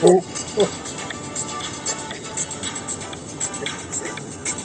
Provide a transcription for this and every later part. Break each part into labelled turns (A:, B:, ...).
A: Oh,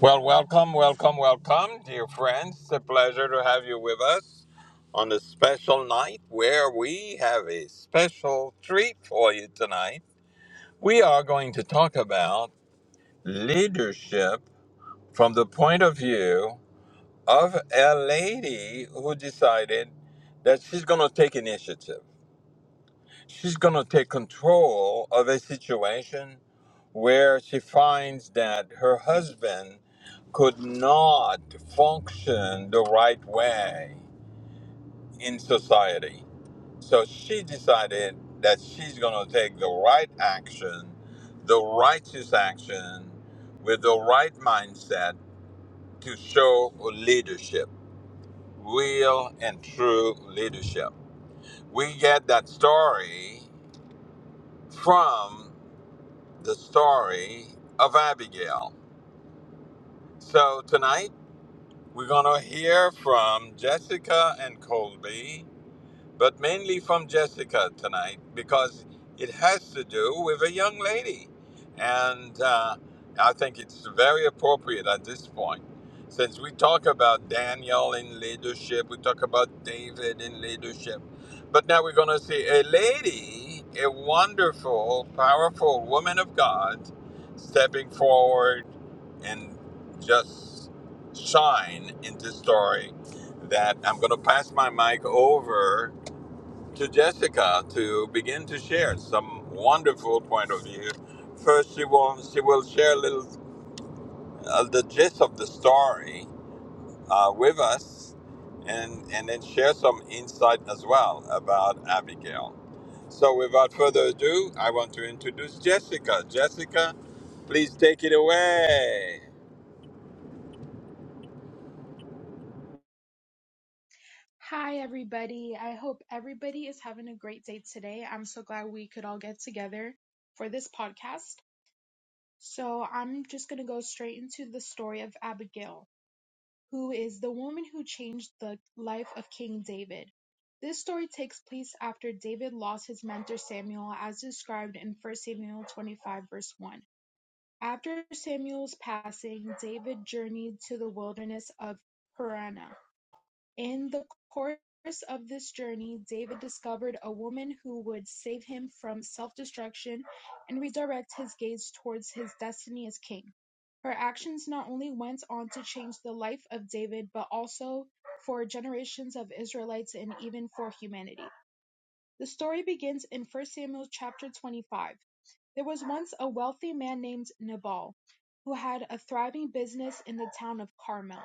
B: Well, welcome, welcome, welcome, dear friends. It's a pleasure to have you with us on this special night where we have a special treat for you tonight. We are going to talk about leadership from the point of view of a lady who decided that she's going to take initiative. She's going to take control of a situation where she finds that her husband could not function the right way in society. So she decided that she's going to take the right action, the righteous action, with the right mindset to show leadership, real and true leadership. We get that story from the story of Abigail. So tonight, We're going to hear from Jessica and Colby, but mainly from Jessica tonight because it has to do with a young lady. And uh, I think it's very appropriate at this point. Since we talk about Daniel in leadership, we talk about David in leadership, but now we're going to see a lady, a wonderful, powerful woman of God stepping forward and just shine in this story that I'm going to pass my mic over to Jessica to begin to share some wonderful point of view. First, she will she will share a little uh, the gist of the story uh, with us, and and then share some insight as well about Abigail. So, without further ado, I want to introduce Jessica. Jessica, please take it away.
C: Hi, everybody. I hope everybody is having a great day today. I'm so glad we could all get together for this podcast. So, I'm just going to go straight into the story of Abigail, who is the woman who changed the life of King David. This story takes place after David lost his mentor Samuel, as described in 1 Samuel 25, verse 1. After Samuel's passing, David journeyed to the wilderness of Paran. In the course of this journey, David discovered a woman who would save him from self-destruction and redirect his gaze towards his destiny as king. Her actions not only went on to change the life of David, but also for generations of Israelites and even for humanity. The story begins in 1 Samuel chapter 25. There was once a wealthy man named Nabal who had a thriving business in the town of Carmel.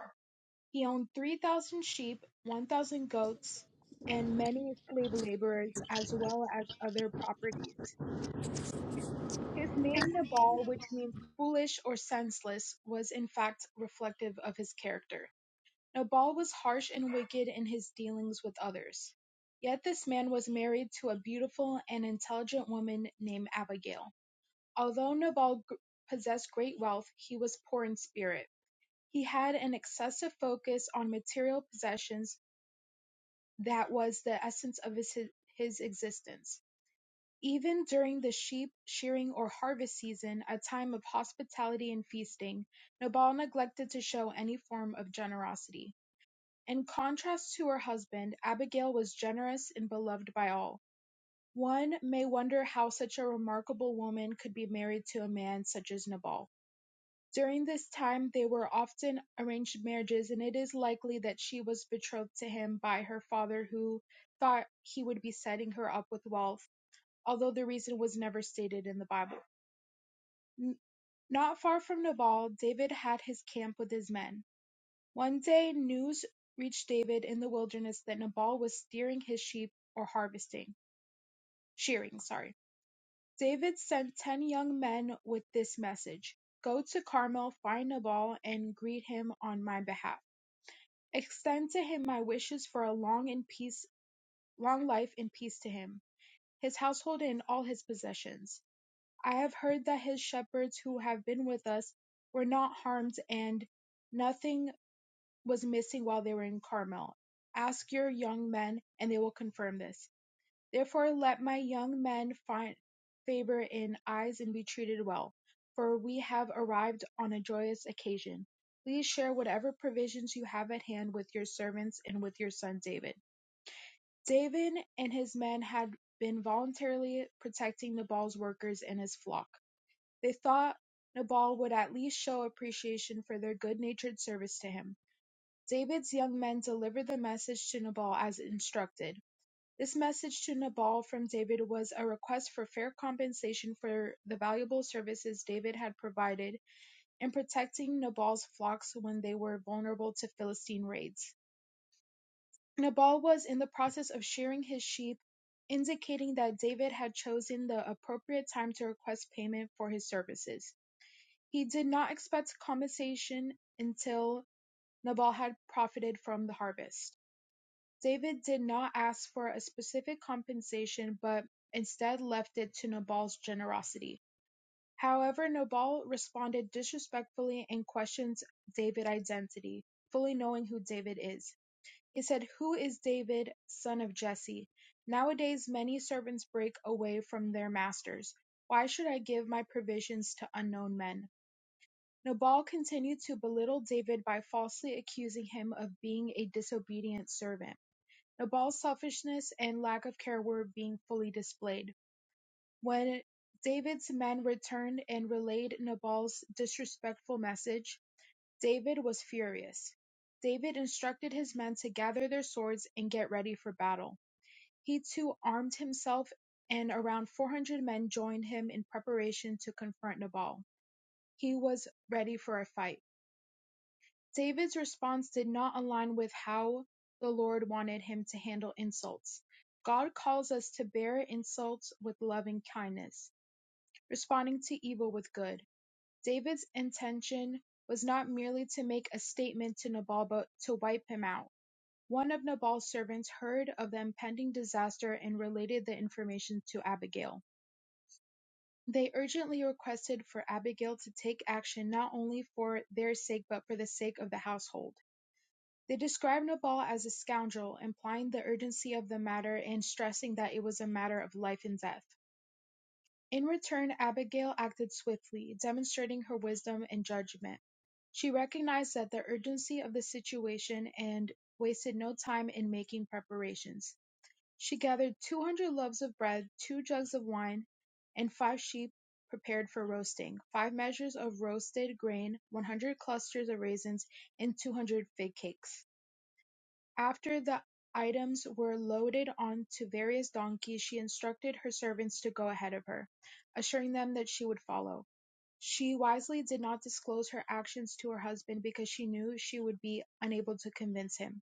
C: He owned three thousand sheep, one thousand goats, and many slave laborers, as well as other properties. His name Nabal, which means foolish or senseless, was in fact reflective of his character. Nabal was harsh and wicked in his dealings with others. Yet this man was married to a beautiful and intelligent woman named Abigail. Although Nabal g- possessed great wealth, he was poor in spirit. He had an excessive focus on material possessions that was the essence of his, his existence. Even during the sheep shearing or harvest season, a time of hospitality and feasting, Nabal neglected to show any form of generosity. In contrast to her husband, Abigail was generous and beloved by all. One may wonder how such a remarkable woman could be married to a man such as Nabal. During this time they were often arranged marriages and it is likely that she was betrothed to him by her father who thought he would be setting her up with wealth, although the reason was never stated in the Bible. N- Not far from Nabal, David had his camp with his men. One day news reached David in the wilderness that Nabal was steering his sheep or harvesting, shearing, sorry. David sent 10 young men with this message: Go to Carmel, find Nabal, and greet him on my behalf. Extend to him my wishes for a long and peace, long life and peace to him, his household and all his possessions. I have heard that his shepherds who have been with us were not harmed and nothing was missing while they were in Carmel. Ask your young men and they will confirm this. Therefore let my young men find favour in eyes and be treated well, for we have arrived on a joyous occasion. Please share whatever provisions you have at hand with your servants and with your son David. David and his men had been voluntarily protecting Nabal's workers and his flock. They thought Nabal would at least show appreciation for their good-natured service to him. David's young men delivered the message to Nabal as instructed. This message to Nabal from David was a request for fair compensation for the valuable services David had provided in protecting Nabal's flocks when they were vulnerable to Philistine raids. Nabal was in the process of shearing his sheep, indicating that David had chosen the appropriate time to request payment for his services. He did not expect compensation until Nabal had profited from the harvest. David did not ask for a specific compensation but instead left it to Nabal's generosity. However, Nabal responded disrespectfully and questions David's identity, fully knowing who David is. He said, Who is David, son of Jesse? Nowadays, many servants break away from their masters. Why should I give my provisions to unknown men? Nabal continued to belittle David by falsely accusing him of being a disobedient servant. Nabal's selfishness and lack of care were being fully displayed when David's men returned and relayed Nabal's disrespectful message. David was furious. David instructed his men to gather their swords and get ready for battle. He too armed himself, and around 400 men joined him in preparation to confront Nabal. He was ready for a fight. David's response did not align with how the Lord wanted him to handle insults. God calls us to bear insults with loving kindness, responding to evil with good. David's intention was not merely to make a statement to Nabal but to wipe him out. One of Nabal's servants heard of the impending disaster and related the information to Abigail. They urgently requested for Abigail to take action not only for their sake but for the sake of the household. They described Nabal as a scoundrel, implying the urgency of the matter and stressing that it was a matter of life and death. In return, Abigail acted swiftly, demonstrating her wisdom and judgment. She recognized that the urgency of the situation and wasted no time in making preparations. She gathered 200 loaves of bread, two jugs of wine, and five sheep prepared for roasting, five measures of roasted grain, 100 clusters of raisins, and 200 fig cakes. After the items were loaded onto various donkeys she instructed her servants to go ahead of her, assuring them that she would follow. She wisely did not disclose her actions to her husband because she knew she would be unable to convince him.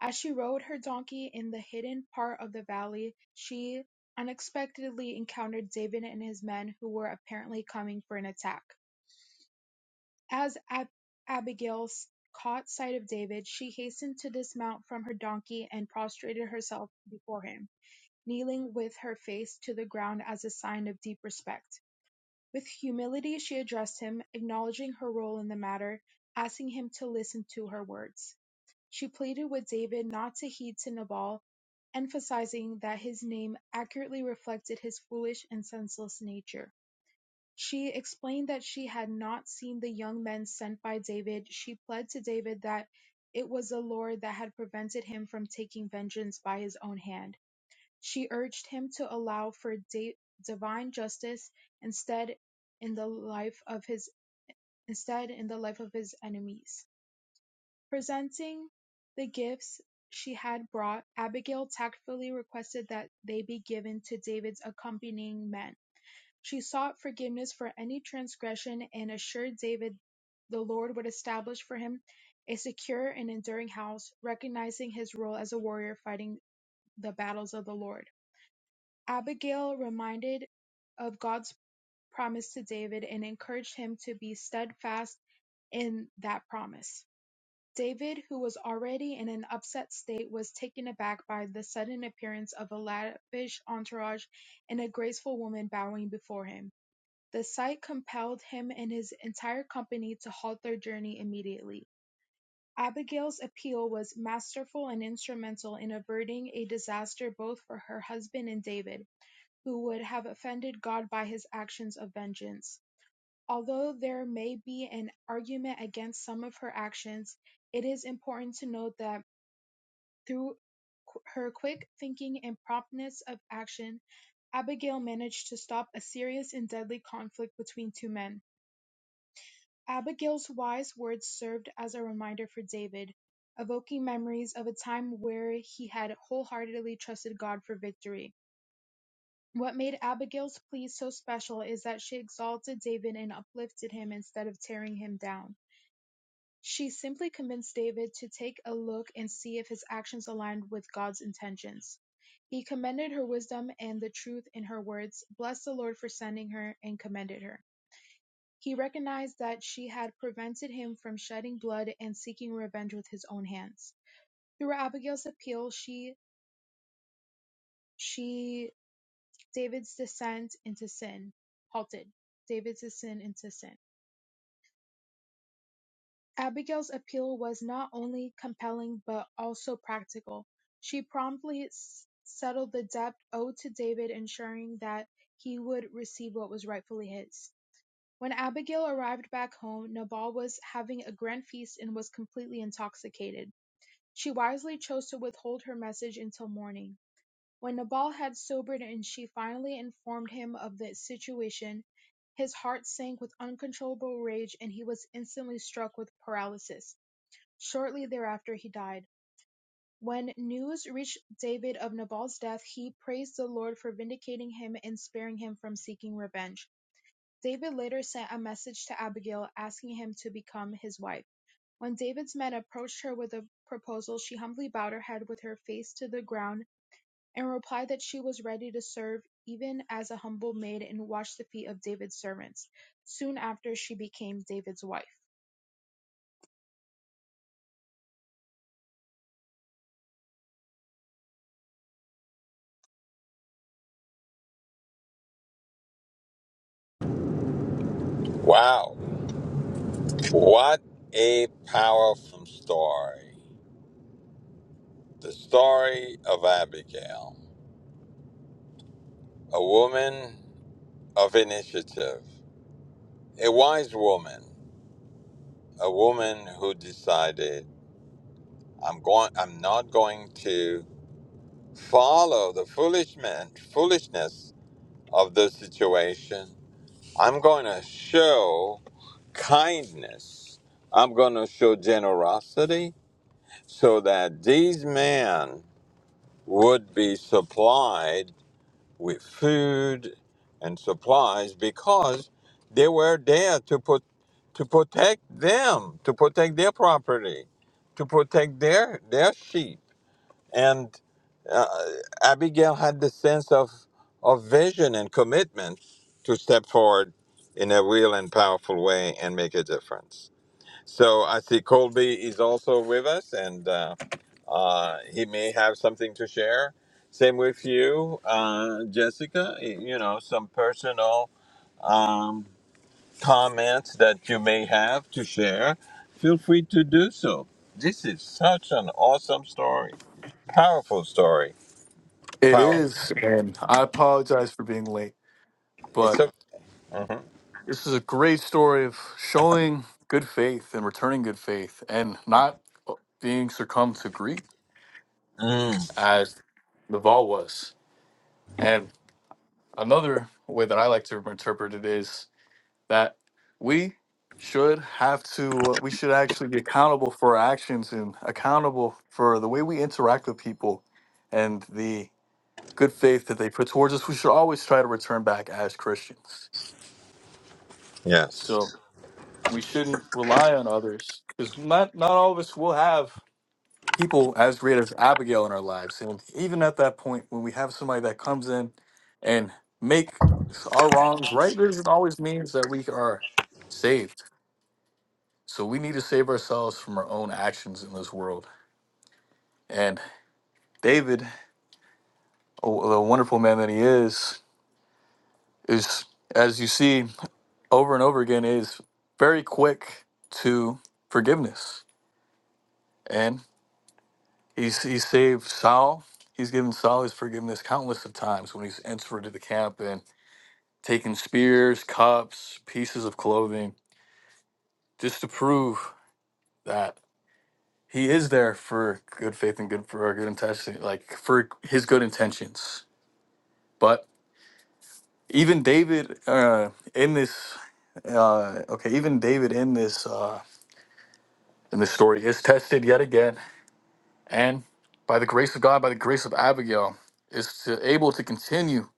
C: As she rode her donkey in the hidden part of the valley, she unexpectedly encountered David and his men who were apparently coming for an attack. As Ab- Abigail s- caught sight of David, she hastened to dismount from her donkey and prostrated herself before him, kneeling with her face to the ground as a sign of deep respect. With humility, she addressed him, acknowledging her role in the matter, asking him to listen to her words. She pleaded with David not to heed to Nabal, emphasizing that his name accurately reflected his foolish and senseless nature. She explained that she had not seen the young men sent by David. She pled to David that it was the Lord that had prevented him from taking vengeance by his own hand. She urged him to allow for da- divine justice instead in the life of his instead in the life of his enemies. Presenting the gifts she had brought, Abigail tactfully requested that they be given to David's accompanying men. She sought forgiveness for any transgression and assured David the Lord would establish for him a secure and enduring house, recognizing his role as a warrior fighting the battles of the Lord. Abigail reminded of God's promise to David and encouraged him to be steadfast in that promise. David, who was already in an upset state, was taken aback by the sudden appearance of a lavish entourage and a graceful woman bowing before him. The sight compelled him and his entire company to halt their journey immediately. Abigail's appeal was masterful and instrumental in averting a disaster both for her husband and David, who would have offended God by his actions of vengeance. Although there may be an argument against some of her actions, it is important to note that through her quick thinking and promptness of action, Abigail managed to stop a serious and deadly conflict between two men. Abigail's wise words served as a reminder for David, evoking memories of a time where he had wholeheartedly trusted God for victory. What made Abigail's plea so special is that she exalted David and uplifted him instead of tearing him down. She simply convinced David to take a look and see if his actions aligned with God's intentions. He commended her wisdom and the truth in her words, blessed the Lord for sending her, and commended her. He recognized that she had prevented him from shedding blood and seeking revenge with his own hands. Through Abigail's appeal, she she David's descent into sin halted. David's descent into sin. Abigail's appeal was not only compelling but also practical. She promptly s- settled the debt owed to David, ensuring that he would receive what was rightfully his. When Abigail arrived back home, Nabal was having a grand feast and was completely intoxicated. She wisely chose to withhold her message until morning, when Nabal had sobered and she finally informed him of the situation. His heart sank with uncontrollable rage and he was instantly struck with paralysis. Shortly thereafter he died. When news reached David of Nabal's death, he praised the Lord for vindicating him and sparing him from seeking revenge. David later sent a message to Abigail asking him to become his wife. When David's men approached her with a proposal, she humbly bowed her head with her face to the ground and replied that she was ready to serve even as a humble maid and wash the feet of David's servants. Soon after, she became David's wife.
B: Wow. What a powerful story. The story of Abigail, a woman of initiative, a wise woman, a woman who decided, I'm going I'm not going to follow the foolish men, foolishness of the situation. I'm going to show kindness. I'm going to show generosity so that these men would be supplied with food and supplies because they were there to put to protect them, to protect their property, to protect their their sheep. And uh, Abigail had the sense of of vision and commitment to step forward in a real and powerful way and make a difference. So I see Colby is also with us, and uh, uh, he may have something to share. Same with you, uh, Jessica. You know, some personal um, comments that you may have to share. Feel free to do so. This is such an awesome story, powerful story.
D: It
B: Power.
D: is, and I apologize for being late,
B: It's
D: but
B: a. Mhm.
D: this is a great story of showing good faith and returning good faith and not being succumbed to greed
B: Mm,
D: as Naval was. And another way that I like to interpret it is that we should have to, we should actually be accountable for our actions and accountable for the way we interact with people and the good faith that they put towards us. We should always try to return back as Christians. So,
B: yes.
D: We shouldn't rely on others because not not all of us will have people as great as Abigail in our lives. And even at that point, when we have somebody that comes in and make our wrongs right, doesn't always means that we are saved. So we need to save ourselves from our own actions in this world. And David, oh, the wonderful man that he is, is as you see over and over again, is very quick to forgiveness. and. He's, he saved Saul. He's given Saul his forgiveness countless of times when he's entered into the camp and taken spears, cups, pieces of clothing, just to prove that he is there for good faith and good for our good intention, like for his good intentions. But even David uh, in this, uh, okay, even David in this uh, in this story is tested yet again, and by the grace of God, by the grace of Abigail, is to, able to continue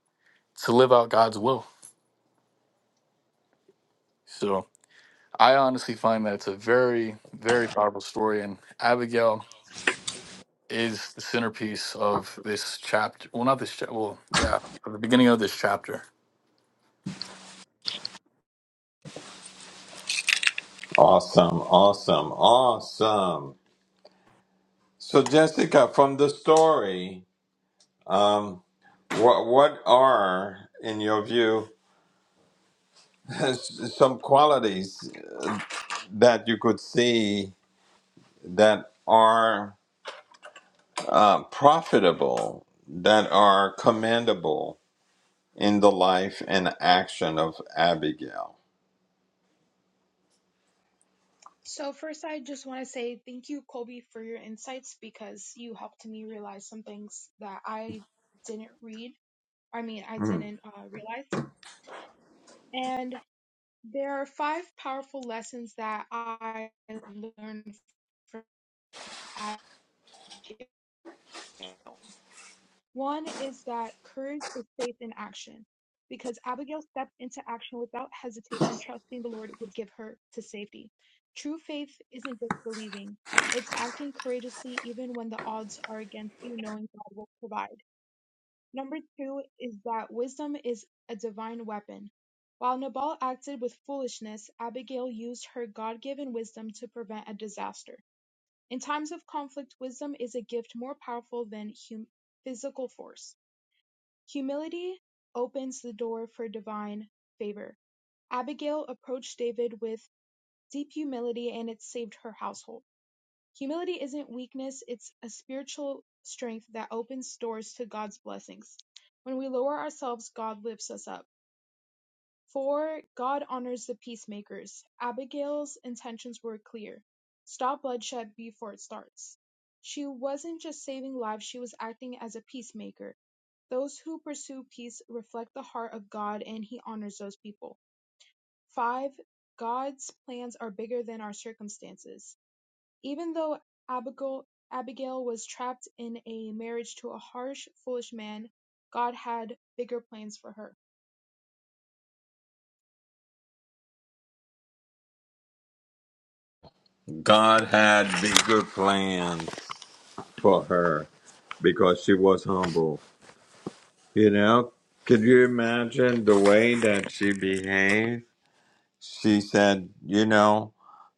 D: to live out God's will So I honestly find that it's a very, very powerful story, and Abigail is the centerpiece of this chapter. Well, not this chapter. Well, yeah, of the beginning of this chapter.
B: Awesome. Awesome. Awesome. So, Jessica, from the story. Um, What what are, in your view, some qualities that you could see that are uh, profitable, that are commendable in the life and action of Abigail?
C: So, first, I just want to say thank you, Colby, for your insights because you helped me realize some things that I didn't read. I mean, I
B: Mm.
C: didn't uh, realize. And there are five powerful lessons that I learned from Abigail. One is that courage is faith in action, because Abigail stepped into action without hesitation, trusting the Lord would give her to safety. True faith isn't just believing, it's acting courageously even when the odds are against you, knowing God will provide. Number two is that wisdom is a divine weapon. While Nabal acted with foolishness, Abigail used her God given wisdom to prevent a disaster. In times of conflict, wisdom is a gift more powerful than hum- physical force. Humility opens the door for divine favor. Abigail approached David with deep humility and it saved her household. Humility isn't weakness, it's a spiritual strength that opens doors to God's blessings. When we lower ourselves, God lifts us up. Four, "God honors the peacemakers", Abigail's intentions were clear: stop bloodshed before it starts. She wasn't just saving lives, she was acting as a peacemaker. Those who pursue peace reflect the heart of God and He honors those people. 5. God's plans are bigger than our circumstances. Even though Abigail, Abigail was trapped in a marriage to a harsh, foolish man, God had bigger plans for her.
B: God had the good plan for her because she was humble. You know, could you imagine the way that she behaved? She said, you know.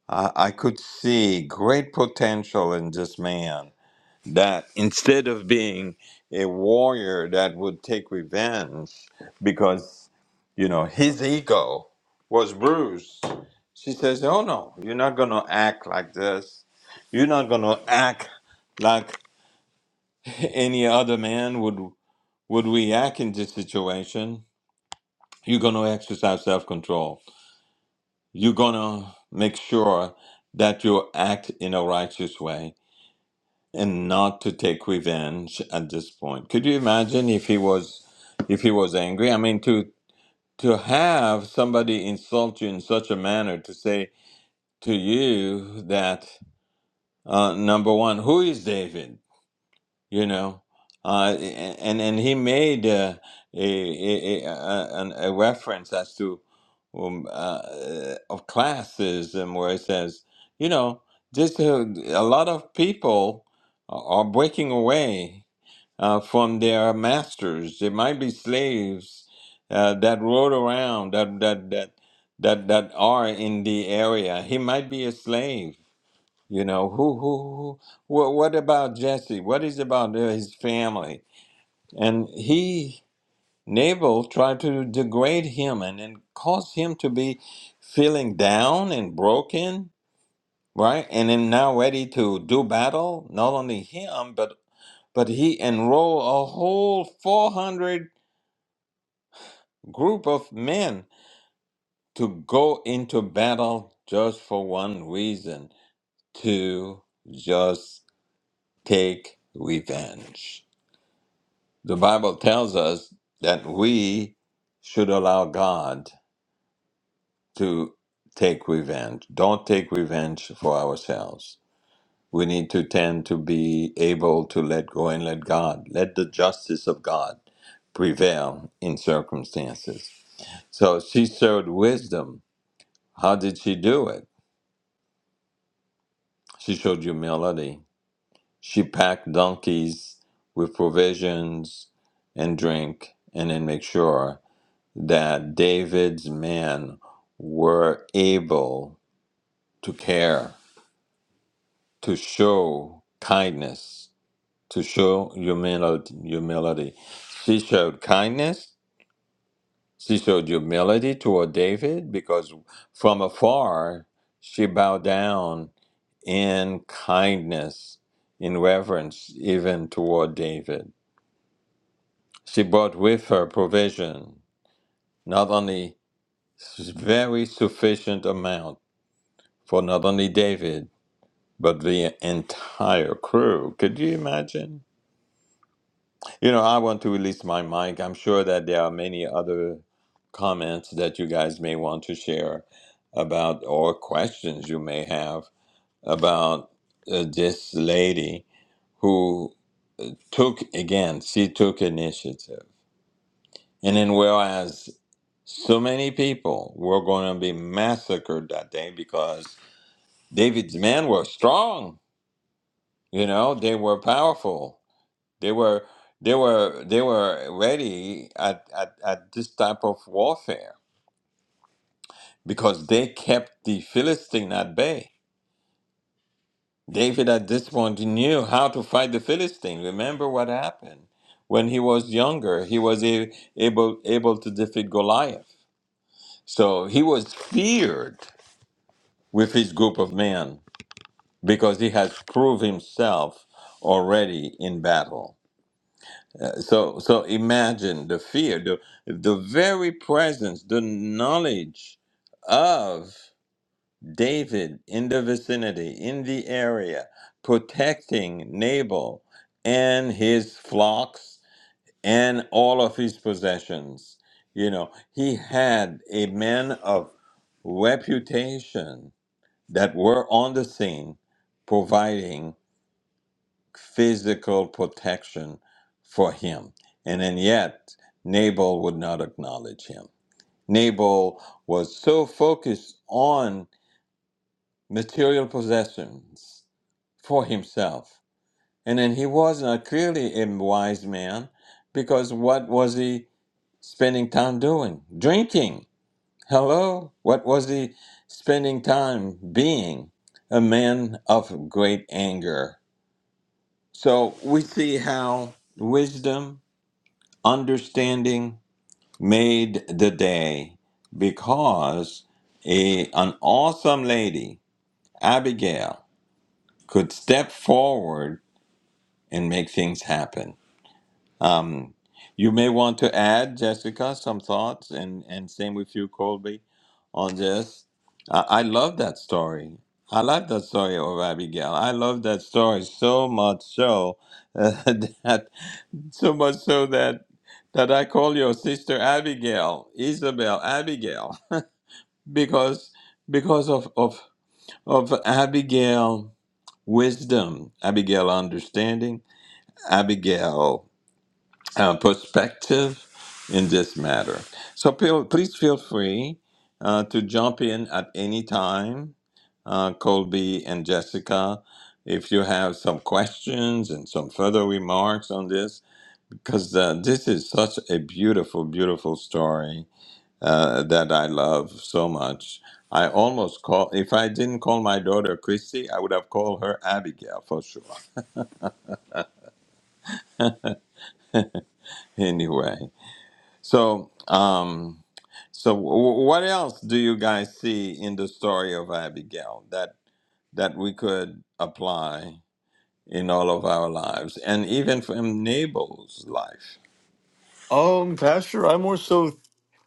B: I, I could see great potential in this man that instead of being a warrior that would take revenge because, you know, his ego was bruised, she says, Oh no, you're not going to act like this. You're not going to act like any other man would, would react in this situation. You're going to exercise self control. You're going to make sure that you act in a righteous way and not to take revenge at this point. Could you imagine if he was if he was angry? I mean to to have somebody insult you in such a manner to say to you that uh, number one, who is David? You know, uh, and and he made uh, a, a, a, a an- a reference as to um, uh, uh, of classism where it says, you know, just uh, a lot of people are are breaking away uh, from their masters. It might be slaves uh, that rode around that that that that that are in the area. He might be a slave. You know who who who. What, what about Jesse? What is about uh, his family? And he Nabal tried to degrade him and, and cause him to be feeling down and broken. Right, and then now ready to do battle, not only him, but but he enrolled a whole 400 group of men to go into battle just for one reason to just take revenge. The Bible tells us that we should allow God to take revenge. Don't take revenge for ourselves. We need to tend to be able to let go and let God, let the justice of God prevail in circumstances. So she showed wisdom. How did she do it? She showed humility. She packed donkeys with provisions and drink, and then make sure that David's men were able to care, to show kindness, to show humility. humility. She showed kindness. She showed humility toward David because from afar she bowed down in kindness, in reverence, even toward David. She brought with her provision, not only s- very sufficient amount for not only David, but the entire crew. Could you imagine? You know, I want to release my mic. I'm sure that there are many other comments that you guys may want to share about, or questions you may have about uh, this lady who. took again she took initiative and then whereas so many people were going to be massacred that day because david's men were strong you know they were powerful they were they were they were ready at, at, at this type of warfare because they kept the philistine at bay David at this point knew how to fight the Philistine. Remember what happened when he was younger. He was a- able able to defeat Goliath. So he was feared with his group of men because he has proved himself already in battle. So so imagine the fear, the the very presence, the knowledge of David in the vicinity, in the area, protecting Nabal and his flocks and all of his possessions. You know, he had a man of reputation that were on the scene providing physical protection for him. And then yet, Nabal would not acknowledge him. Nabal was so focused on material possessions for himself. And then he was not clearly a wise man because what was he spending time doing? Drinking. Hello? What was he spending time being? A man of great anger. So we see how wisdom, understanding made the day because a, an awesome lady, Abigail, could step forward and make things happen. Um, you may want to add, Jessica, some thoughts, and, and same with you, Colby, on this. I, I love that story. I love that story of Abigail. I love that story so much so uh, that so much so that that I call your sister Abigail, Isabel Abigail, because because of of of Abigail wisdom, Abigail understanding, Abigail uh, perspective in this matter. So feel, please feel free uh, to jump in at any time, uh, Colby and Jessica, if you have some questions and some further remarks on this, because uh, this is such a beautiful, beautiful story uh, that I love so much. I almost call if I didn't call my daughter Christy, I would have called her Abigail for sure. Anyway, so um, So, w- what else do you guys see in the story of Abigail that that we could apply in all of our lives, and even from Nabal's life?
D: Um, Pastor, I more so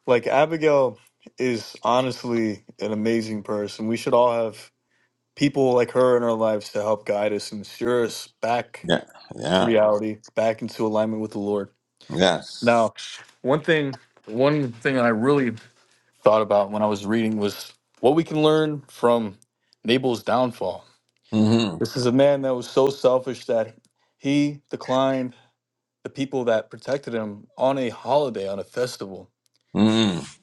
D: like Abigail is honestly an amazing person. We should all have people like her in our lives to help guide us and steer us back
B: Yeah,
D: to
B: yeah,
D: reality, back into alignment with the Lord.
B: yes.
D: Now, one thing, one thing I really thought about when I was reading was what we can learn from Nabal's downfall.
B: Mm-hmm.
D: This is a man that was so selfish that he declined the people that protected him on a holiday, on a festival.
B: Mm.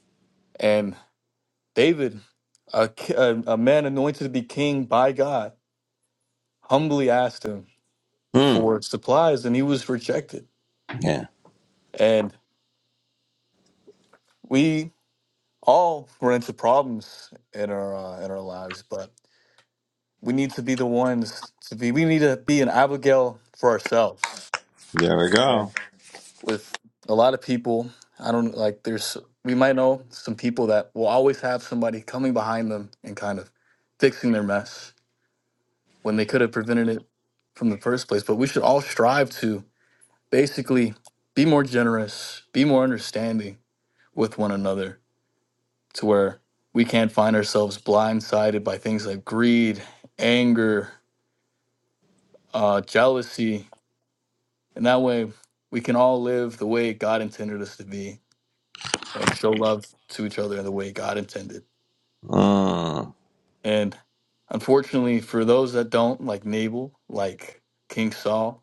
D: And David, a, ki- a, a man anointed to be king by God, humbly asked him
B: Mm.
D: for supplies and he was rejected.
B: Yeah.
D: And we all run into problems in our uh, in our lives, but we need to be the ones to be we need to be an abigail for ourselves
B: There we go.
D: and with a lot of people i don't like there's we might know some people that will always have somebody coming behind them and kind of fixing their mess when they could have prevented it from the first place but we should all strive to basically be more generous be more understanding with one another to where we can't find ourselves blindsided by things like greed anger uh, jealousy And that way we can all live the way God intended us to be and show love to each other in the way God intended.
B: Mm.
D: And unfortunately, for those that don't, like Nabal, like King Saul,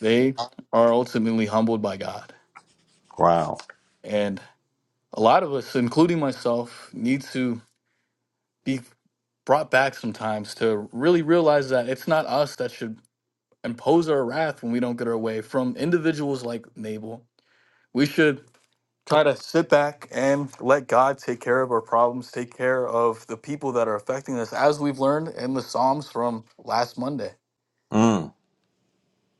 D: they are ultimately humbled by God.
B: Wow.
D: And a lot of us, including myself, need to be brought back sometimes to really realize that it's not us that should impose our wrath when we don't get our way from individuals like Nabal. We should try to sit back and let God take care of our problems, take care of the people that are affecting us, as we've learned in the Psalms from last Monday.
B: Mm.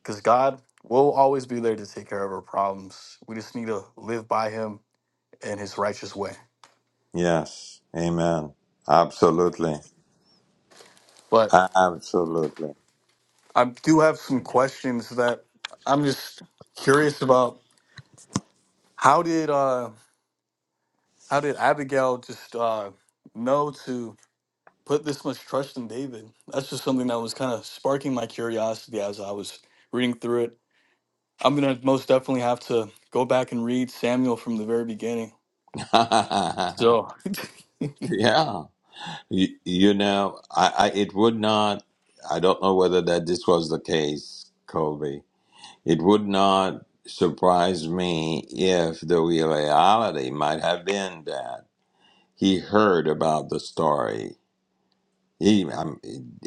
D: Because God will always be there to take care of our problems. We just need to live by Him in His righteous way.
B: Yes. Amen. Absolutely.
D: But
B: Absolutely.
D: I do have some questions that I'm just curious about. How did uh, how did Abigail just uh, know to? put this much trust in David. That's just something that was kind of sparking my curiosity as I was reading through it. I'm gonna most definitely have to go back and read Samuel from the very beginning. So
B: yeah. You, you know, I, I it would not. I don't know whether that this was the case, Colby. It would not surprise me if the reality might have been that he heard about the story. He, I'm,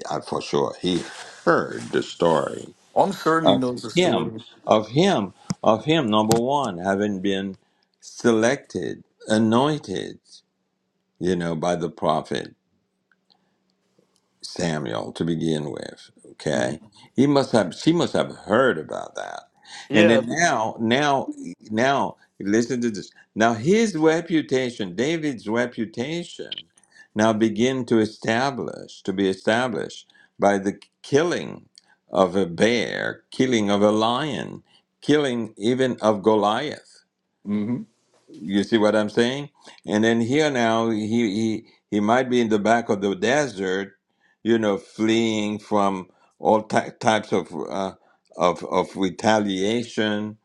B: I, for sure, he heard the story
D: I'm certain he
B: of
D: knows the
B: him,
D: story.
B: of him, of him. Number one, having been selected, anointed, you know, by the prophet Samuel to begin with.
D: Mhm.
B: Okay, he must have. She must have heard about that, and
D: Yeah.
B: then now, now, now, listen to this. Now his reputation, David's reputation, now begin to establish to be established by the killing of a bear, killing of a lion, killing even of Goliath.
D: hmm
B: You see what I'm saying? And then here now, he he he might be in the back of the desert, you know, fleeing from all ty- types of uh, of of retaliation.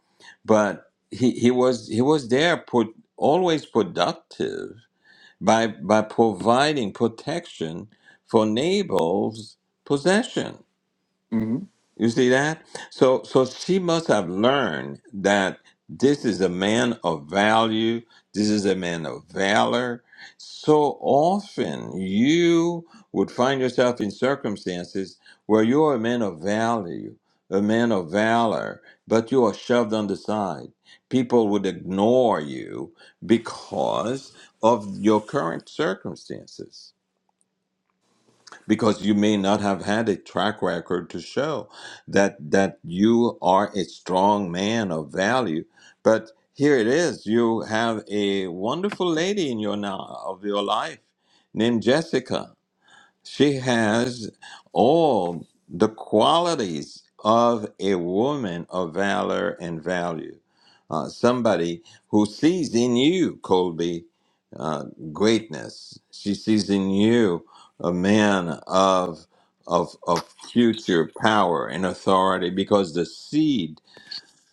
B: But he he was he was there, put always productive by by providing protection for Nabal's possession.
D: hmm
B: You see that? So so she must have learned that this is a man of value, this is a man of valor. So often you would find yourself in circumstances where you're a man of value, a man of valor, but you are shoved on the side. People would ignore you because of your current circumstances because you may not have had a track record to show that that you are a strong man of value but here it is you have a wonderful lady in your now of your life named jessica she has all the qualities of a woman of valor and value. Uh, somebody who sees in you, Colby, uh, greatness. She sees in you a man of, of, of future power and authority because the seed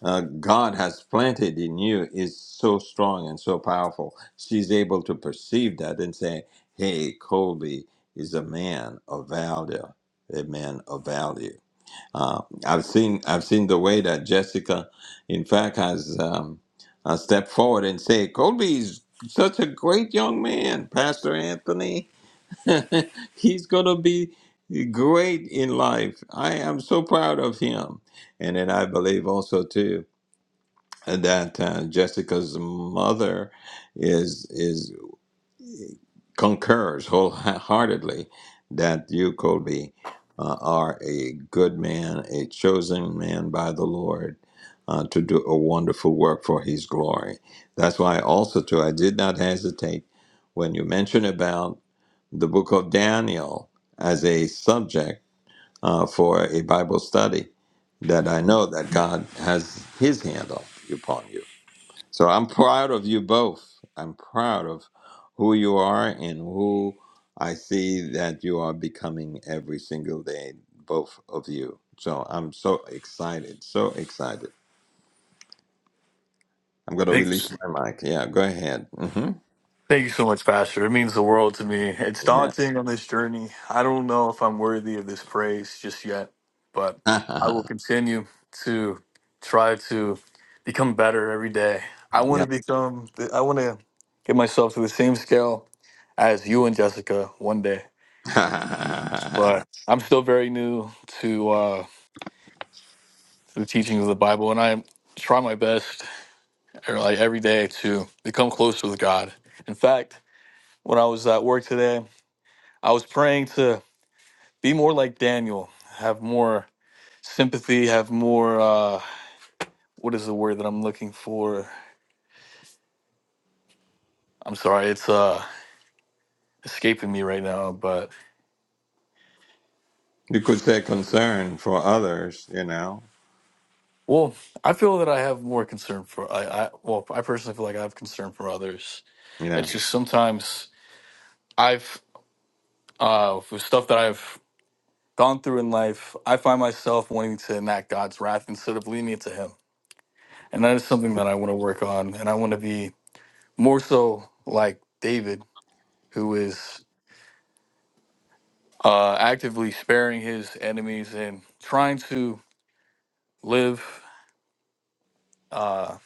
B: uh, God has planted in you is so strong and so powerful. She's able to perceive that and say, hey, Colby is a man of value, a man of value. Uh, I've seen I've seen the way that Jessica, in fact, has um, uh, stepped forward and say, Colby is such a great young man, Pastor Anthony. He's going to be great in life. I am so proud of him. And then I believe also, too that uh, Jessica's mother is is concurs wholeheartedly that you, Colby, uh, are a good man, a chosen man by the Lord uh, to do a wonderful work for His glory. That's why also too I did not hesitate when you mentioned about the book of Daniel as a subject uh, for a Bible study. That I know that God has His hand up upon you so I'm proud of you both. I'm proud of who you are and who I see that you are becoming every single day, both of you. So I'm so excited, so excited. I'm going to release my mic. Yeah, go ahead. hmm
D: Thank you so much, Pastor. It means the world to me. It's
B: Yeah.
D: daunting on this journey. I don't know if I'm worthy of this praise just yet, but I will continue to try to become better every day. I want to become, I want to get myself to the same scale as you and Jessica one day,
B: yeah.
D: but I'm still very new to, uh, the teachings of the Bible, and I try my best er, like every day to become closer with God. In fact, when I was at work today. I was praying to be more like Daniel, have more sympathy, have more uh what is the word that I'm looking for? I'm sorry, it's uh escaping me right now, but
B: you could say concern for others, you know?
D: well, I feel that I have more concern for I, I well, I personally feel like I have concern for others.
B: Yeah.
D: It's just sometimes I've uh for stuff that I've gone through in life, I find myself wanting to enact God's wrath instead of leaning to him. And that is something that I want to work on and I want to be more so like David who is uh, actively sparing his enemies and trying to live uh,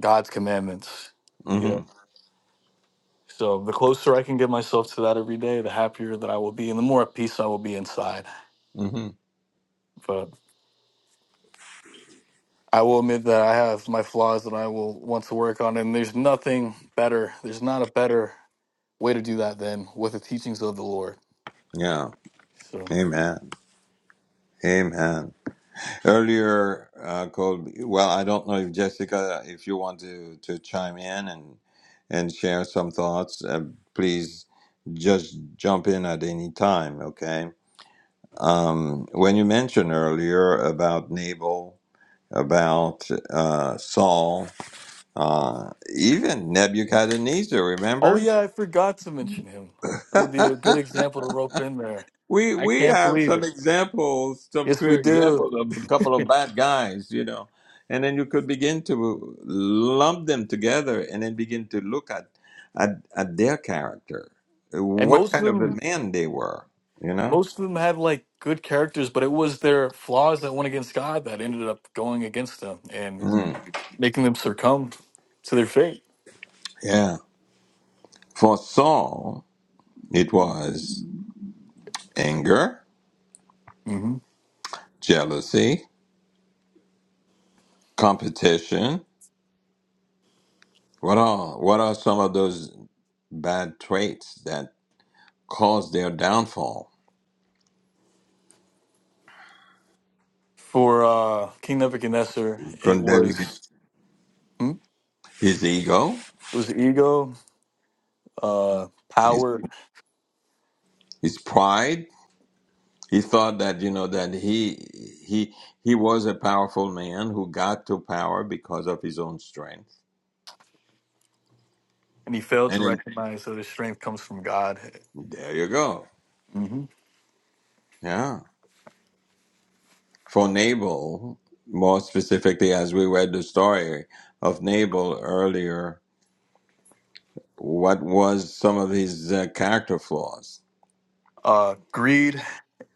D: God's commandments. You
B: hmm
D: know, so the closer I can get myself to that every day, the happier that I will be, and the more at peace I will be inside.
B: hmm
D: But I will admit that I have my flaws that I will want to work on, and there's nothing better. There's not a better way to do that than with the teachings of the Lord.
B: Yeah.
D: So,
B: Amen. Amen. Earlier, uh, Colby, well, I don't know if Jessica, if you want to, to chime in and and share some thoughts, uh, please just jump in at any time, okay? Um, when you mentioned earlier about Nabal, about uh, Saul, uh, even Nebuchadnezzar,
D: oh
B: remember?
D: yeah, I forgot to mention him. That would be a good example to rope in there.
B: We
D: I
B: we
D: can't
B: have
D: believe it.
B: some examples, some
D: Yes,
B: clear
D: we do.
B: examples of a couple of bad guys, you know, and then you could begin to lump them together and then begin to look at at, at their character,
D: And
B: what
D: most of
B: kind of a
D: them,
B: man they were, you know.
D: most of them have like good characters, but it was their flaws that went against God that ended up going against them and
B: Mm,
D: making them succumb to their fate.
B: yeah, for Saul, it was anger,
D: hmm
B: jealousy, competition. What are what are some of those bad traits that caused their downfall?
D: For uh, King Nebuchadnezzar, it
B: Couldn't that be
D: was hmm? it
B: his ego?
D: was ego, uh,
B: his,
D: power,
B: his pride. He thought that you know that he he he was a powerful man who got to power because of his own strength.
D: and he failed to
B: And then
D: recognize that his strength comes from God.
B: there you go.
D: hmm
B: Yeah. For Nabal, more specifically, as we read the story of Nabal earlier, what was some of his uh, character flaws?
D: Uh, greed,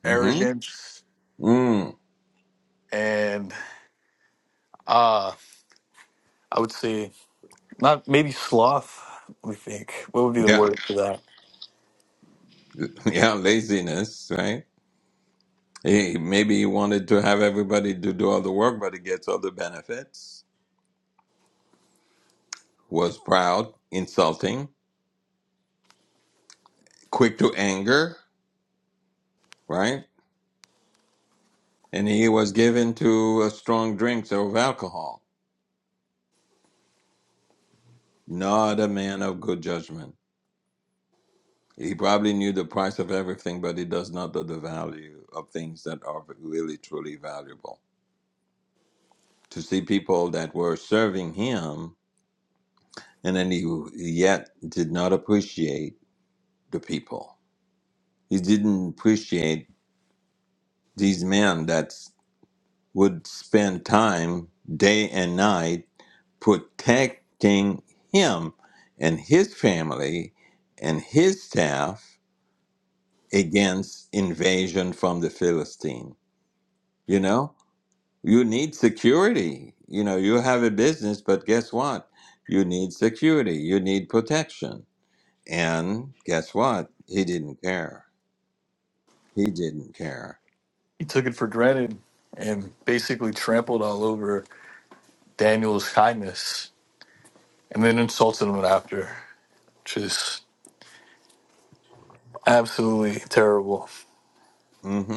B: hmm
D: arrogance,
B: Mm.
D: and uh, I would say Not maybe sloth. Let me think. What would be the
B: Yeah.
D: word for that?
B: Yeah. Laziness, right? He, maybe he wanted to have everybody to do all the work, but he gets all the benefits was proud, insulting, quick to anger, right? And he was given to a strong drinks or of alcohol. Not a man of good judgment. He probably knew the price of everything, but he does not know the value of things that are really truly valuable. To see people that were serving him, and then he yet did not appreciate the people. He didn't appreciate these men. that. would spend time day and night protecting him and his family and his staff against invasion from the Philistine. You know, you need security. You know, you have a business, but guess what? You need security, you need protection. And guess what? He didn't care. He didn't care.
D: He took it for granted and basically trampled all over Daniel's kindness, and then insulted him after, which is absolutely terrible.
B: Mm-hmm.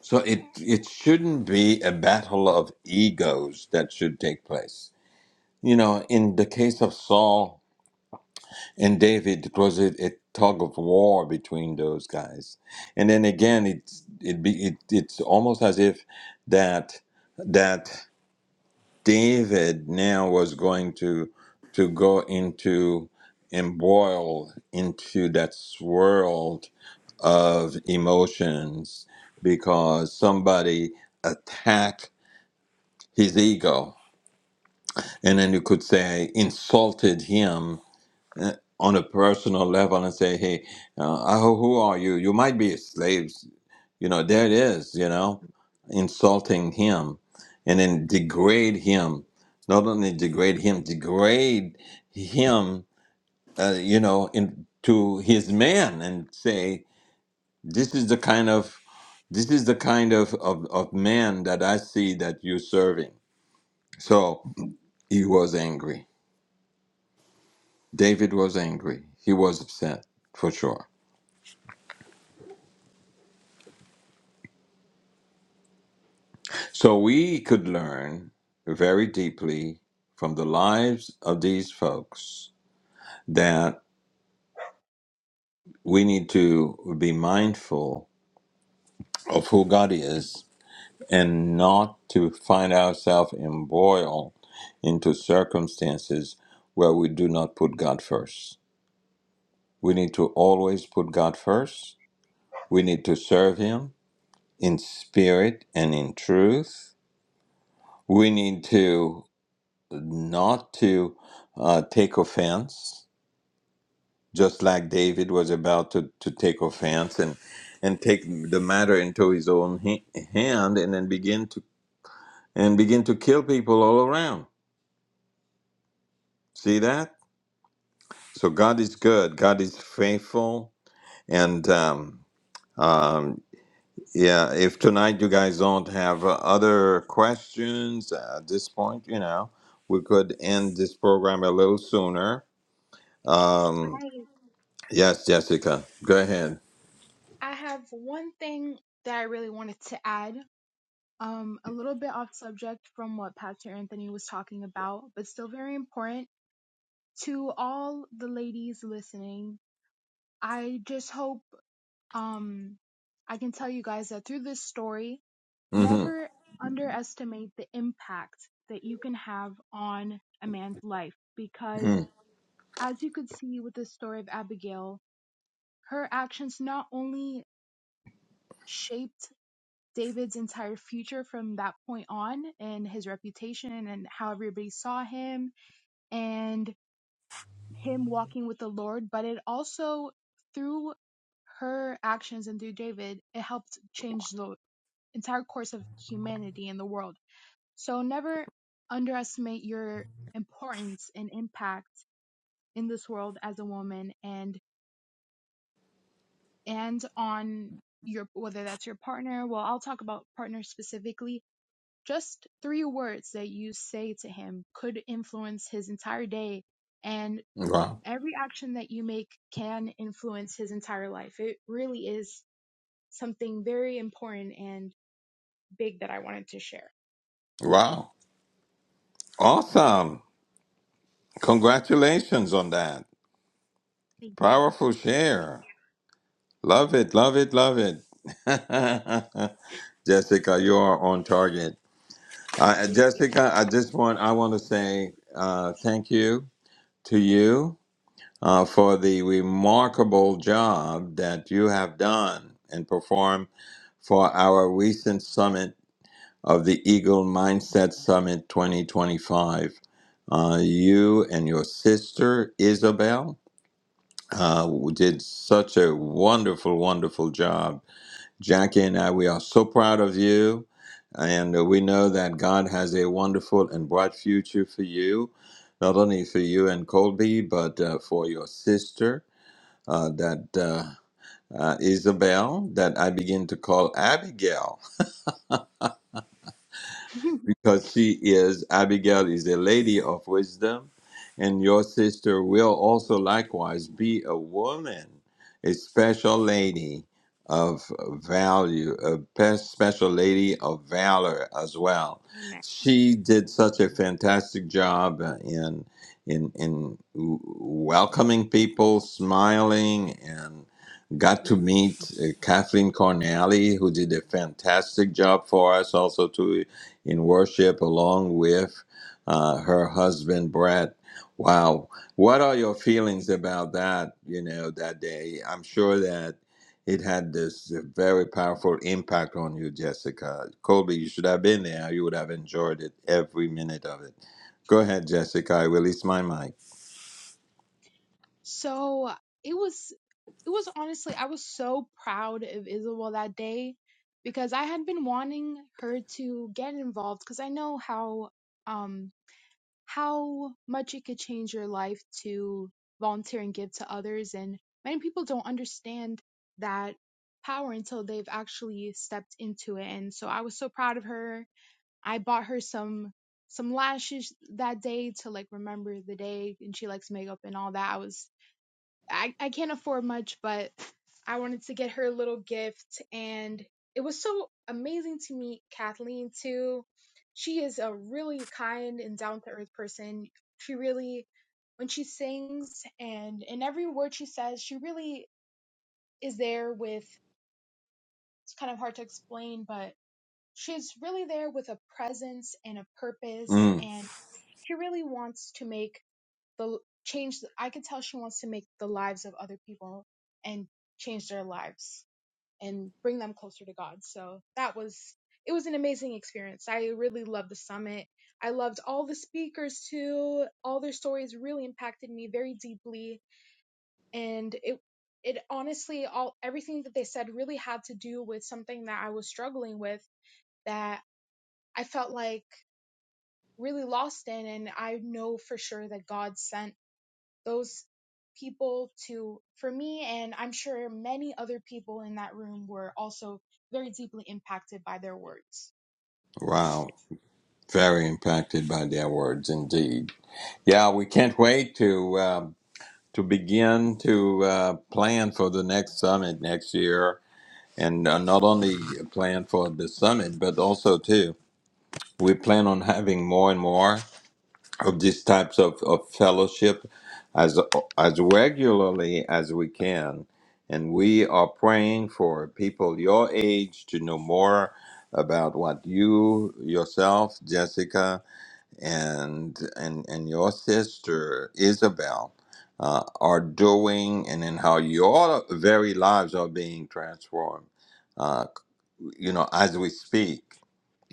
B: So it it shouldn't be a battle of egos that should take place. You know, in the case of Saul and David, it was a, a tug of war between those guys. And then again, it's it be it, it's almost as if that that David now was going to to go into and boil into that swirl of emotions because somebody attacked his ego and then you could say insulted him uh, on a personal level and say, "Hey, uh, I- who are you? You might be slaves." You know, there it is. You know, insulting him, and then degrade him. Not only degrade him, degrade him. Uh, you know, in, to his man and say, "This is the kind of this is the kind of, of, of man that I see that you're serving." So he was angry. David was angry. He was upset for sure. So we could learn very deeply from the lives of these folks that we need to be mindful of who God is and not to find ourselves embroiled into circumstances where we do not put God first. We need to always put God first. We need to serve Him in spirit and in truth. We need to not to uh, take offense just like David was about to, to take offense and and take the matter into his own ha- hand and then begin to and begin to kill people all around. See that? So God is good. God is faithful. And um, um, yeah, if tonight you guys don't have uh, other questions uh, at this point, you know, we could end this program a little sooner. Um,
C: I
B: yes, Jessica, go ahead.
C: I have one thing that I really wanted to add, um, a little bit off subject from what Pastor Anthony was talking about, but still very important to all the ladies listening. I just hope um, I can tell you guys that through this story,
B: hmm
C: never underestimate the impact that you can have on a man's life because, as you could see with the story of Abigail, her actions not only shaped David's entire future from that point on and his reputation and how everybody saw him and him walking with the Lord. But it also, through her actions and through David, it helped change the entire course of humanity in the world. So never underestimate your importance and impact in this world as a woman and and on your whether that's your partner well i'll talk about partners specifically Just three words that you say to him could influence his entire day, and
B: Wow.
C: every action that you make can influence his entire life. It really is something very important and big that I wanted to share.
B: Wow. Awesome. Congratulations on that.
C: Thank you.
B: Powerful share. Love it, love it, love it. Jessica, you are on target. Uh,
C: Thank
B: Jessica, I just want I want to say uh, thank you to you uh, for the remarkable job that you have done and performed for our recent summit of the Eagle Mindset Summit 2025. Uh, you and your sister Isabel uh, did such a wonderful, wonderful job. Jackie and I, we are so proud of you. And uh, we know that God has a wonderful and bright future for you, not only for you and Colby, but uh, for your sister, uh, that uh, uh, Isabel, that I begin to call Abigail
C: you.
B: because she is Abigail is a lady of wisdom, and your sister will also likewise be a woman, a special lady of value, a pe- special lady of valor as well.
C: Amen.
B: She did such a fantastic job uh, in in in w- welcoming people, smiling and. Got to meet uh, Kathleen Cornally, who did a fantastic job for us, also too in worship along with uh, her husband Brett. Wow, what are your feelings
C: Mhm.
B: about that? You know that day. I'm sure that it had this very powerful impact on you, Jessica. Colby, you should have been there. You would have enjoyed it every minute of it. Go ahead, Jessica. I release my mic.
C: So it was it was honestly I was so proud of Isabel that day because I had been wanting her to get involved because I know how um how much it could change your life to volunteer and give to others. And many people don't understand that power until they've actually stepped into it. And so I was so proud of her. I bought her some some lashes that day to like remember the day and she likes makeup and all that. I was I, I can't afford much, but I wanted to get her a little gift. And it was so amazing to meet Kathleen, too. She is a really kind and down to earth person. She really, when she sings and in every word she says, she really is there with, it's kind of hard to explain, but she's really there with a presence and a purpose.
B: Mm,
C: And she really wants to make the change i could tell she wants to make the lives of other people and change their lives and bring them closer to god so that was it was an amazing experience i really loved the summit i loved all the speakers too all their stories really impacted me very deeply and it it honestly all everything that they said really had to do with something that i was struggling with that i felt like really lost in and i know for sure that god sent those people to for me and i'm sure many other people in that room were also very deeply impacted by their words
B: wow, very impacted by their words indeed. Yeah, we can't wait to. Um, to begin to uh, plan for the next summit next year, and uh, not only plan for the summit, but also too, we plan on having more and more of these types of, of fellowship as as regularly as we can, and we are praying for people your age to know more about what you yourself, Jessica and and and your sister Isabel uh, are doing, and in how your very lives are being transformed, uh, you know, as we speak.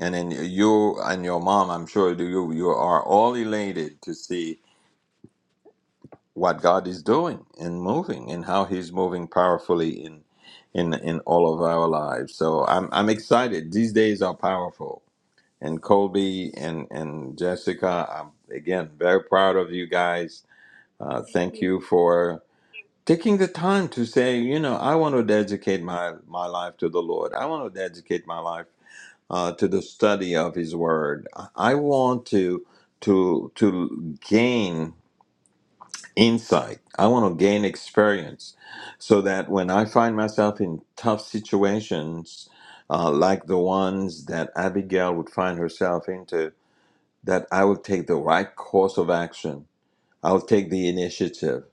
B: And then you and your mom, I'm sure you you are all elated to see what God is doing and moving, and how He's moving powerfully in in in all of our lives. So I'm I'm excited. These days are powerful and Colby and, and Jessica. I'm again very proud of you guys. Uh,
C: thank
B: thank
C: you
B: you for taking the time to say, you know, I want to dedicate my, my life to the Lord. I want to dedicate my life uh, to the study of His Word. I I want to to to gain insight. I want to gain experience, so that when I find myself in tough situations, uh, like the ones that Abigail would find herself into, that I will take the right course of action. I will take the initiative.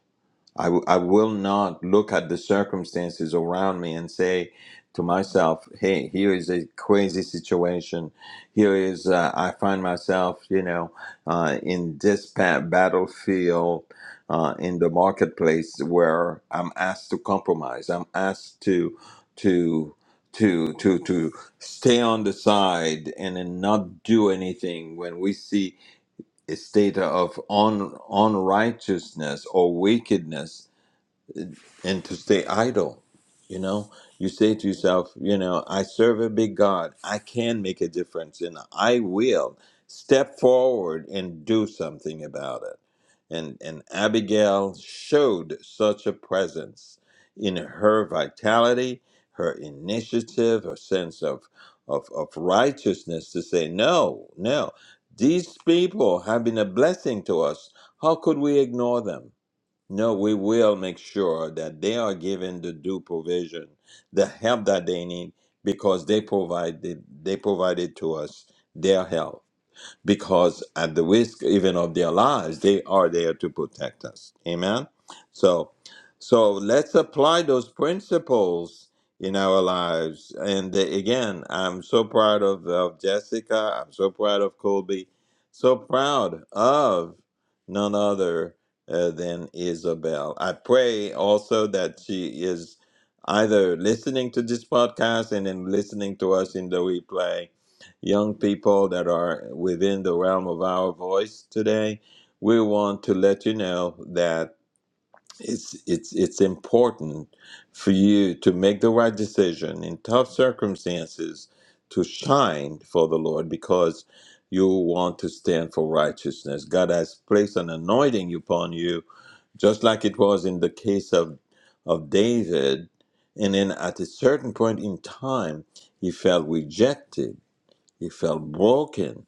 B: I w- I will not look at the circumstances around me and say to myself, hey, here is a crazy situation. Here is, uh, I find myself, you know, uh, in this pa- battlefield, uh, in the marketplace where I'm asked to compromise. I'm asked to, to, to, to, to stay on the side and then not do anything when we see state of un, unrighteousness or wickedness and to stay idle. You know, you say to yourself, you know, I serve a big God. I can make a difference and I will step forward and do something about it. And, and Abigail showed such a presence in her vitality, her initiative, her sense of, of, of righteousness to say, no, no, these people have been a blessing to us. How could we ignore them? No, we will make sure that they are given the due provision, the help that they need, because they provide they, they provided to us their help because at the risk even of their lives, they are there to protect us. Amen. So, so let's apply those principles in our lives. And uh, again, I'm so proud of, of Jessica. I'm so proud of Colby. So proud of none other uh, than Isabel. I pray also that she is either listening to this podcast and then listening to us in the replay young people that are within the realm of our voice today, we want to let you know that it's it's it's important for you to make the right decision in tough circumstances to shine for the Lord because you want to stand for righteousness. God has placed an anointing upon you, just like it was in the case of of David. And then at a certain point in time, he felt rejected he felt broken.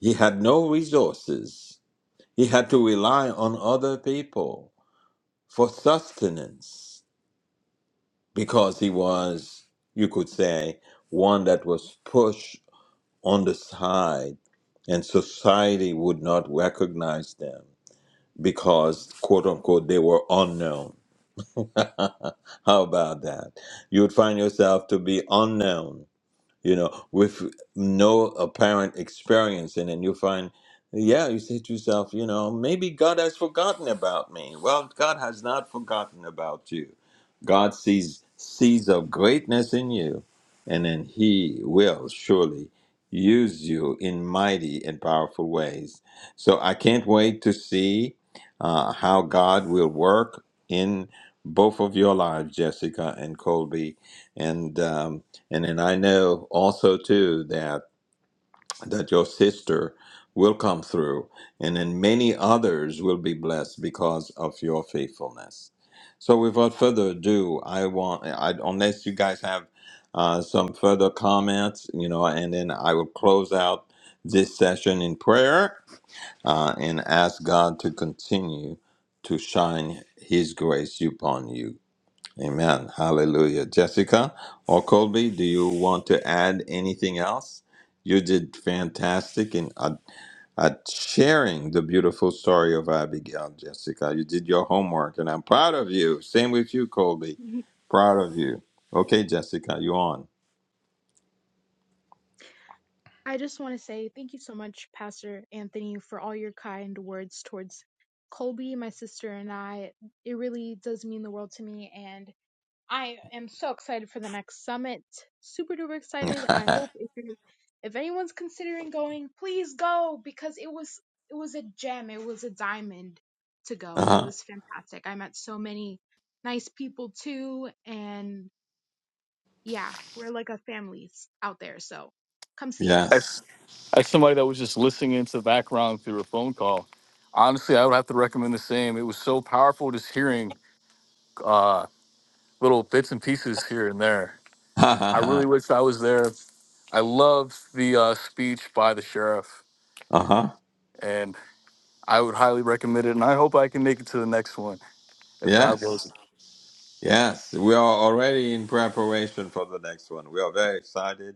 B: He had no resources. He had to rely on other people for sustenance because he was, you could say, one that was pushed on the side and society would not recognize them because, quote unquote, they were unknown. How about that? You would find yourself to be unknown you know, with no apparent experience. And then you find, yeah, you say to yourself, you know, maybe God has forgotten about me. Well, God has not forgotten about you. God sees sees of greatness in you, and then He will surely use you in mighty and powerful ways. So I can't wait to see uh, how God will work in both of your lives, Jessica and Colby. And um, and then I know also too that that your sister will come through, and then many others will be blessed because of your faithfulness. So without further ado, I want I, unless you guys have uh, some further comments, you know, and then I will close out this session in prayer uh, and ask God to continue to shine His grace upon you. Amen. Hallelujah. Jessica or Colby, do you want to add anything else? You did fantastic in uh, uh, sharing the beautiful story of Abigail, Jessica. You did your homework, and I'm proud of you. Same with you, Colby.
C: Mhm.
B: Proud of you. Okay, Jessica, you on?
C: i just want to say thank you so much pastor anthony for all your kind words towards colby my sister and i it really does mean the world to me and I am so excited for the next summit. Super duper excited. I hope
B: uh-huh.
C: if you're, if anyone's considering going, please go because it was it was a gem. It was a diamond to go. It was fantastic. I met so many nice people too and yeah, we're like a family out there. So come see us.
B: Yes.
D: As as somebody that was just listening into the background through a phone call, honestly, I would have to recommend the same. It was so powerful just hearing uh, little bits and pieces here and there. I
B: uh-huh.
D: really wish I was there. I loved the uh, speech by the sheriff, and. I would highly recommend it, and I hope I can make it to the next one if God wills it.
B: Yes. Yes. We are already in preparation for the next one. We are very excited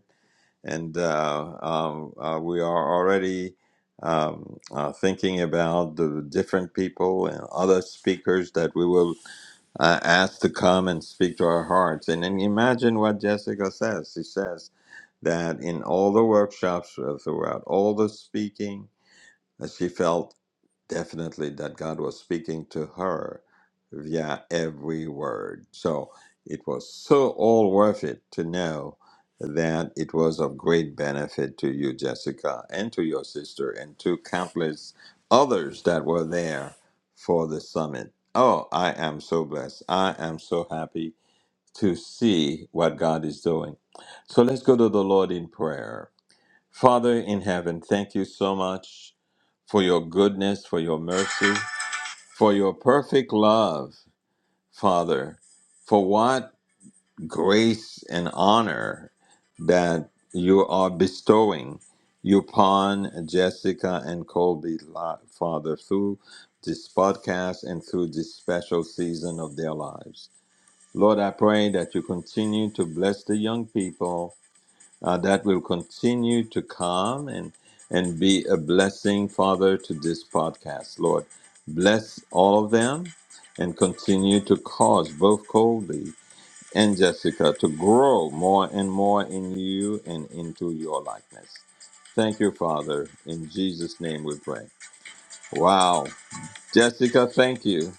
B: and uh, um, uh, we are already um, uh, thinking about the different people and other speakers that we will uh, ask to come and speak to our hearts. And then imagine what Jessica says. She says that in all the workshops uh, throughout all the speaking, uh, she felt definitely that God was speaking to her via every word. So it was so all worth it to know that it was of great benefit to you, Jessica, and to your sister, and to countless others that were there for the summit. Oh, I am so blessed. I am so happy to see what God is doing. So let's go to the Lord in prayer. Father in heaven, thank you so much for your goodness, for your mercy, for your perfect love, Father, for what grace and honor that you are bestowing upon Jessica and Colby, li- Father, through this podcast and through this special season of their lives. Lord, I pray that you continue to bless the young people uh, that will continue to come and and be a blessing, Father, to this podcast. Lord, bless all of them and continue to cause both Colby and Jessica to grow more and more in you and into your likeness. Thank you, Father. In Jesus' name we pray. Wow. Jessica, thank you.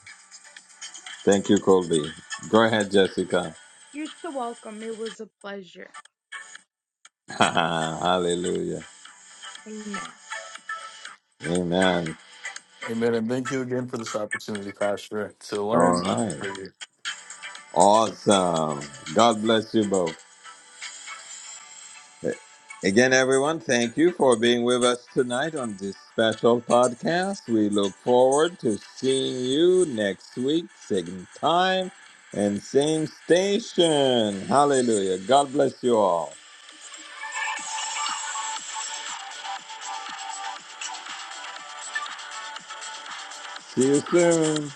B: Thank you, Colby. Go ahead, Jessica.
C: You're so welcome. It was a pleasure.
B: Hallelujah.
C: Amen.
B: Amen.
D: Amen. And thank you again for this opportunity, Pastor, to
B: All
D: learn.
B: right.
D: Pray.
B: Awesome. God bless you both. Again, everyone, thank you for being with us tonight on this special podcast. We look forward to seeing you next week, same time and same station. Hallelujah. God bless you all. See you soon.